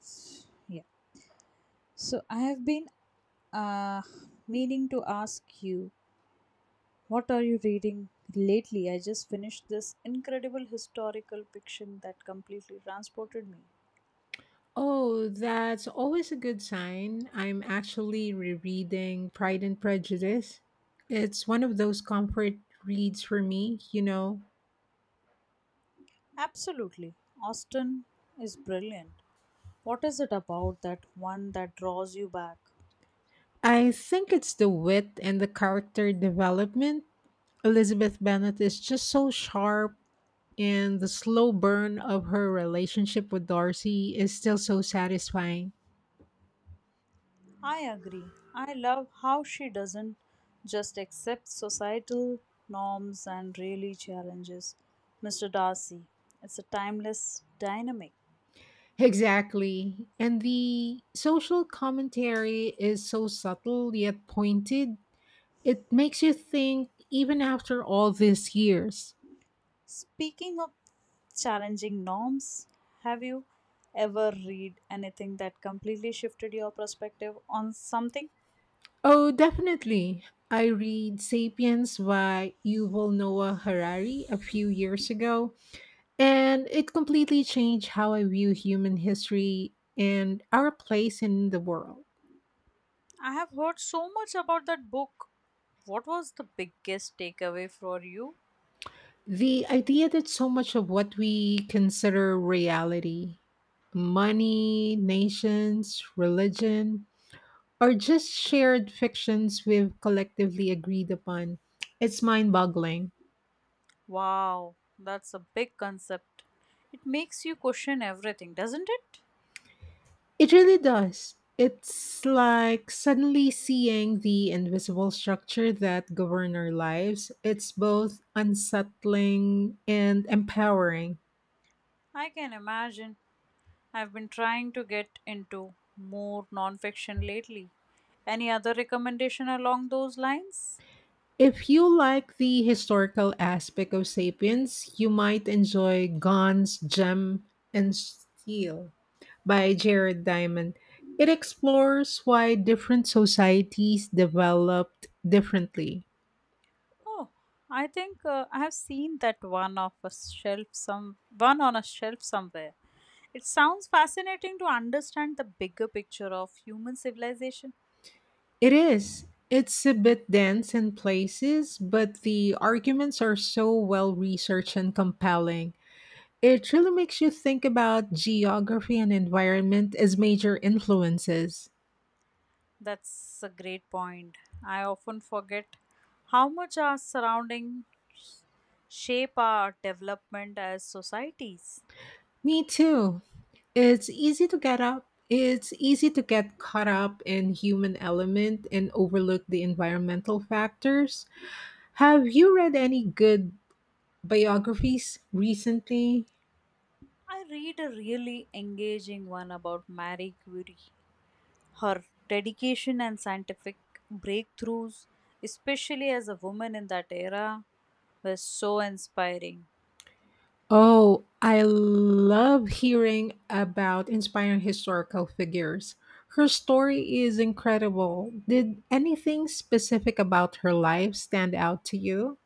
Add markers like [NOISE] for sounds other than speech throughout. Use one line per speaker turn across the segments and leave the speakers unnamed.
Yeah. So I have been uh, meaning to ask you, what are you reading lately? I just finished this incredible historical fiction that completely transported me.
Oh, that's always a good sign. I'm actually rereading Pride and Prejudice. It's one of those comfort reads for me,
Absolutely. Austin is brilliant. What is it about that one that draws you back?
I think it's the wit and the character development. Elizabeth Bennet is just so sharp, and the slow burn of her relationship with Darcy is still so satisfying.
I agree. I love how she doesn't just accept societal norms and really challenges Mr. Darcy. It's a timeless dynamic.
Exactly. And the social commentary is so subtle yet pointed. It makes you think even after all these years.
Speaking of challenging norms, have you ever read anything that completely shifted your perspective on something?
Oh, definitely. I read Sapiens by Yuval Noah Harari a few years ago, and it completely changed how I view human history and our place in the world.
I have heard so much about that book. What was the biggest takeaway for you?
The idea that so much of what we consider reality, money, nations, religion, or just shared fictions we've collectively agreed upon. It's mind boggling.
Wow, that's a big concept. It makes you question everything, doesn't it?
It really does. It's like suddenly seeing the invisible structure that govern our lives. It's both unsettling and empowering.
I can imagine. I've been trying to get into more nonfiction lately. Any other recommendation along those lines?
If you like the historical aspect of Sapiens, you might enjoy Guns, Gem, and Steel by Jared Diamond. It explores why different societies developed differently.
Oh, I think I have seen that one off a shelf some one on a shelf somewhere. It sounds fascinating to understand the bigger picture of human civilization.
It is. It's a bit dense in places, but the arguments are so well researched and compelling. It really makes you think about geography and environment as major influences.
That's a great point. I often forget how much our surroundings shape our development as societies.
Me too. It's easy to get caught up in human element and overlook the environmental factors. Have you read any good biographies recently?
I read a really engaging one about Marie Curie. Her dedication and scientific breakthroughs, especially as a woman in that era, were so inspiring.
Oh, I love hearing about inspiring historical figures. Her story is incredible. Did anything specific about her life stand out to you?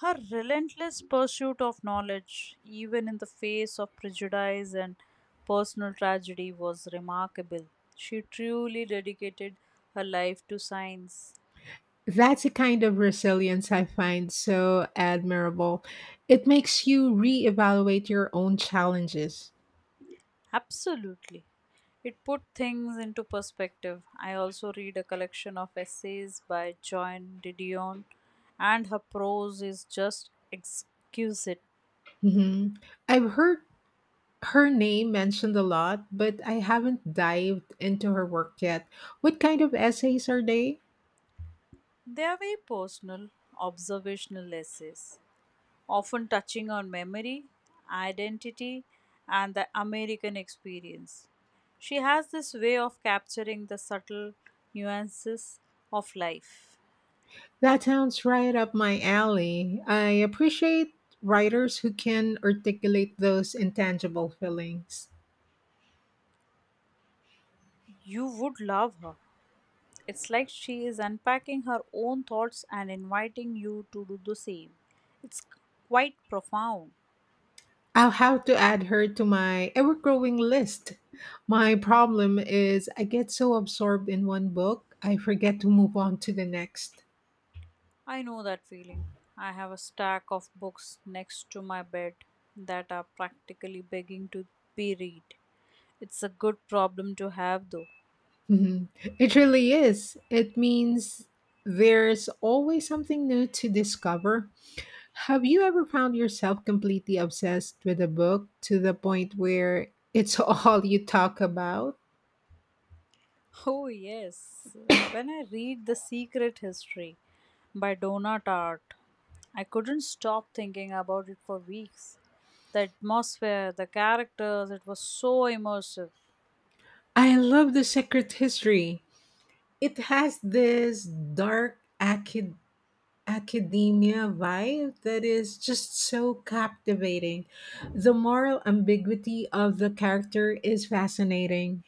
Her relentless pursuit of knowledge, even in the face of prejudice and personal tragedy, was remarkable. She truly dedicated her life to science.
That's a kind of resilience I find so admirable. It makes you reevaluate your own challenges.
Absolutely. It put things into perspective. I also read a collection of essays by Joan Didion, and her prose is just exquisite.
Mhm. I've heard her name mentioned a lot, but I haven't dived into her work yet. What kind of essays are they?
They are very personal, observational essays, often touching on memory, identity, and the American experience. She has this way of capturing the subtle nuances of life.
That sounds right up my alley. I appreciate writers who can articulate those intangible feelings.
You would love her. It's like she is unpacking her own thoughts and inviting you to do the same. It's quite profound.
I'll have to add her to my ever growing list. My problem is I get so absorbed in one book, I forget to move on to the next.
I know that feeling. I have a stack of books next to my bed that are practically begging to be read. It's a good problem to have though. [LAUGHS]
Mhm. It really is. It means there's always something new to discover. Have you ever found yourself completely obsessed with a book to the point where it's [LAUGHS] all you talk about?
Oh yes, when I read The Secret History by Donna Tartt, I couldn't stop thinking about it for weeks. The atmosphere, the characters, it was so immersive.
I love The Secret History. It has this dark, acid academia vibe that is just so captivating. The moral ambiguity of the character is fascinating.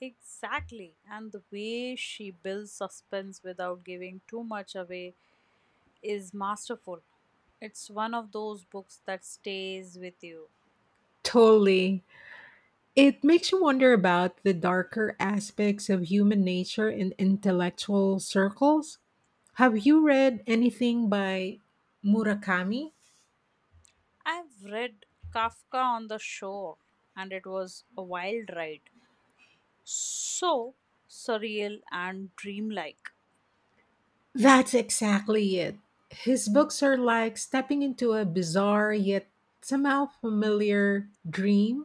Exactly. And the way she builds suspense without giving too much away is masterful. It's one of those books that stays with you.
Totally. It makes you wonder about the darker aspects of human nature in intellectual circles. Have you read anything by Murakami?
I've read Kafka on the Shore, and it was a wild ride. So surreal and dreamlike.
That's exactly it. His books are like stepping into a bizarre yet somehow familiar dream.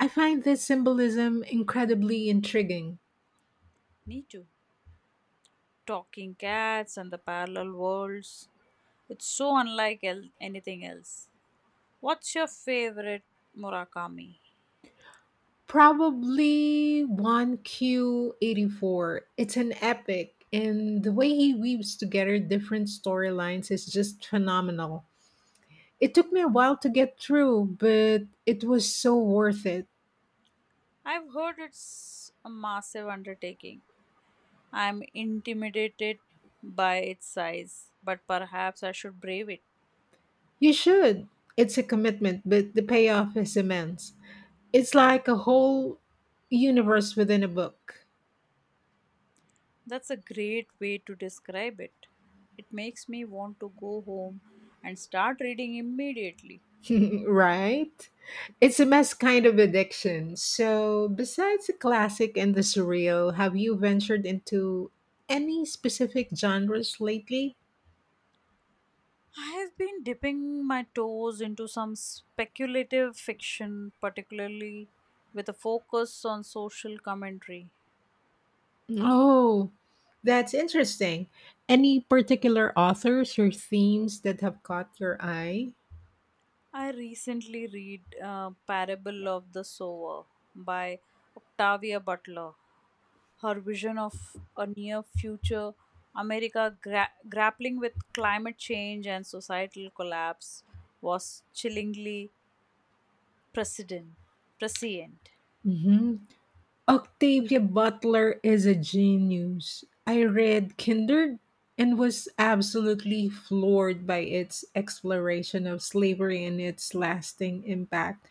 I find this symbolism incredibly intriguing.
Me too. Talking cats and the parallel worlds. It's so unlike anything else. What's your favorite Murakami?
Probably 1Q84. It's an epic, and the way he weaves together different storylines is just phenomenal. It took me a while to get through, but it was so worth it.
I've heard it's a massive undertaking. I'm intimidated by its size, but perhaps I should brave it.
You should. It's a commitment, but the payoff is immense. It's like a whole universe within a book.
That's a great way to describe it. It makes me want to go home and start reading immediately.
[LAUGHS] Right? It's a mess kind of addiction. So, besides the classic and the surreal, have you ventured into any specific genres lately?
I have been dipping my toes into some speculative fiction, particularly with a focus on social commentary.
Oh, that's interesting. Any particular authors or themes that have caught your eye?
I recently read Parable of the Sower by Octavia Butler. Her vision of a near future America grappling with climate change and societal collapse was chillingly precedent. Prescient.
Hmm. Octavia Butler is a genius. I read Kindred and was absolutely floored by its exploration of slavery and its lasting impact.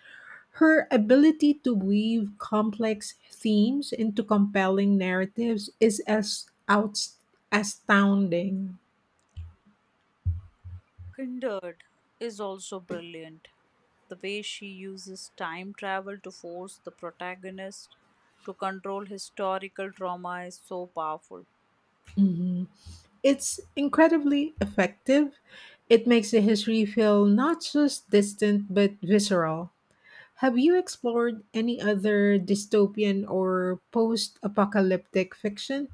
Her ability to weave complex themes into compelling narratives is astounding.
Kindred is also brilliant. The way she uses time travel to force the protagonist to control historical drama is so powerful.
Mhm. It's incredibly effective. It makes the history feel not just distant but visceral. Have you explored any other dystopian or post apocalyptic fiction?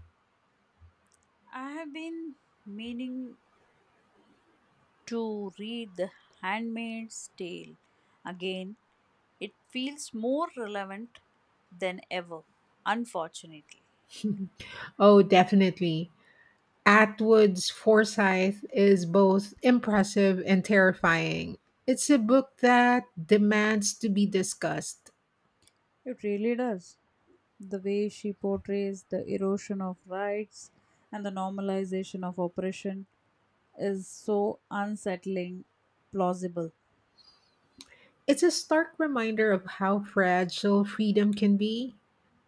I have been meaning to read The Handmaid's Tale again. It feels more relevant than ever, unfortunately.
Oh, definitely. Atwood's Forsyth is both impressive and terrifying. It's a book that demands to be discussed.
It really does. The way she portrays the erosion of rights and the normalization of oppression is so unsettling, plausible.
It's a stark reminder of how fragile freedom can be.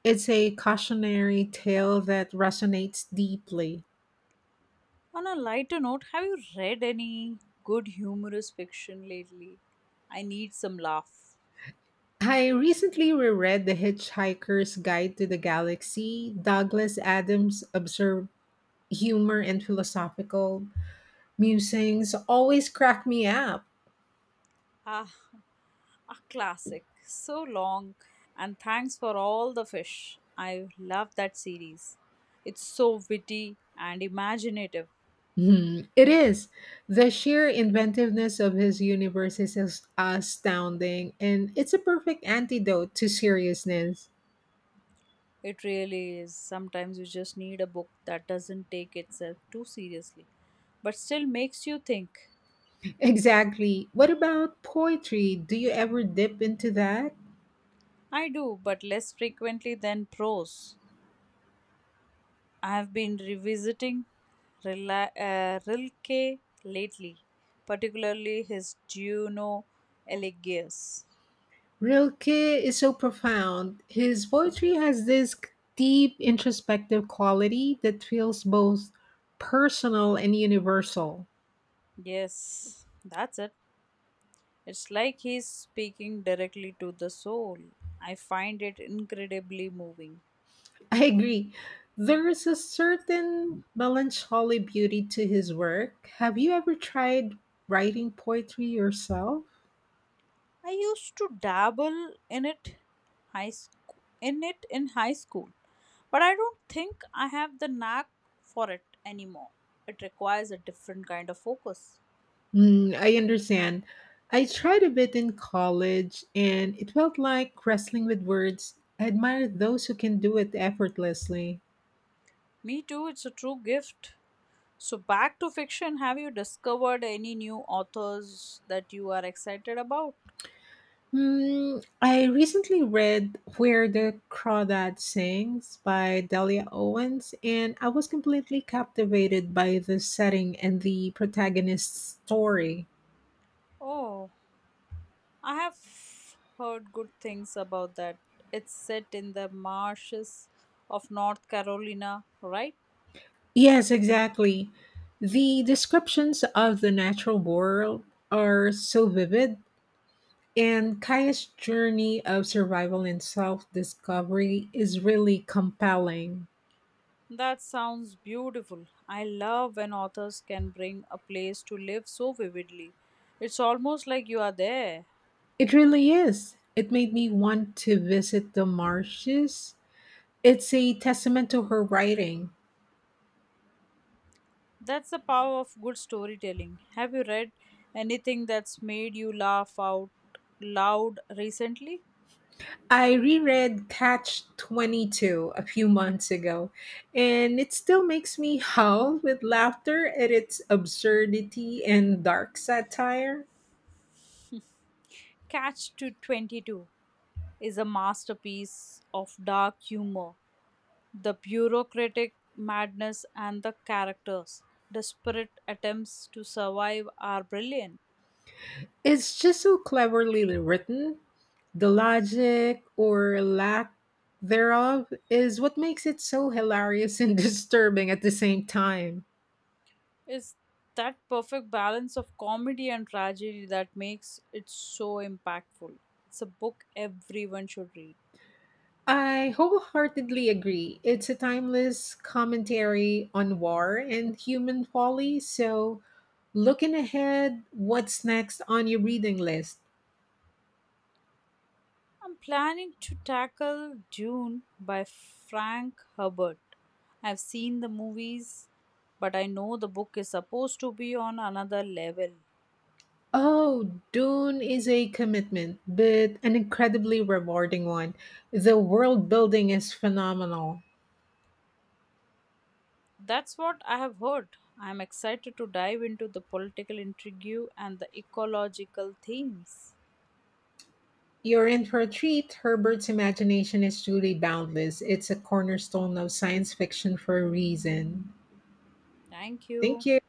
It's a cautionary tale that resonates deeply.
On a lighter note, have you read any good humorous fiction lately? I need some laugh.
I recently reread The Hitchhiker's Guide to the Galaxy. Douglas Adams' absurd humor and philosophical musings always crack me up.
Ah, a classic. So long. And thanks for all the fish. I love that series. It's so witty and imaginative.
Hmm, it is. The sheer inventiveness of his universe is astounding, and it's a perfect antidote to seriousness.
It really is. Sometimes you just need a book that doesn't take itself too seriously, but still makes you think.
Exactly. What about poetry? Do you ever dip into that?
I do, but less frequently than prose. I have been revisiting Rilke lately, particularly his Juno Eligius.
Rilke is so profound. His poetry has this deep introspective quality that feels both personal and universal.
Yes, that's it. It's like he's speaking directly to the soul. I find it incredibly moving.
[LAUGHS] I agree. There is a certain melancholy beauty to his work. Have you ever tried writing poetry yourself?
I used to dabble in it in high school, but I don't think I have the knack for it anymore. It requires a different kind of focus.
Mm, I understand. I tried a bit in college and it felt like wrestling with words. I admire those who can do it effortlessly.
Me too, it's a true gift. So back to fiction, have you discovered any new authors that you are excited about?
Hmm, I recently read Where the Crawdad Sings by Delia Owens, and I was completely captivated by the setting and the protagonist's story.
Oh, I have heard good things about that. It's set in the marshes of North Carolina, right?
Yes, exactly. The descriptions of the natural world are so vivid, and Kaya's journey of survival and self discovery is really compelling.
That sounds beautiful. I love when authors can bring a place to live so vividly. It's almost like you are there.
It really is. It made me want to visit the marshes. It's a testament to her writing.
That's the power of good storytelling. Have you read anything that's made you laugh out loud recently?
I reread Catch 22 a few months ago, and it still makes me howl with laughter at its absurdity and dark satire.
Catch to 22 is a masterpiece of dark humor. The bureaucratic madness and the characters desperate attempts to survive are brilliant.
It's just so cleverly written. The logic or lack thereof is what makes it so hilarious and [LAUGHS] disturbing at the same time.
It's that perfect balance of comedy and tragedy that makes it so impactful. It's a book everyone should read.
I wholeheartedly agree. It's a timeless commentary on war and human folly. So, looking ahead, what's next on your reading list?
I'm planning to tackle Dune by Frank Herbert. I've seen the movies, but I know the book is supposed to be on another level.
Oh, Dune is a commitment, but an incredibly rewarding one. The world building is phenomenal.
That's what I have heard. I am excited to dive into the political intrigue and the ecological themes.
You're in for a treat. Herbert's imagination is truly boundless. It's a cornerstone of science fiction for a reason.
Thank
Thank
you.
you.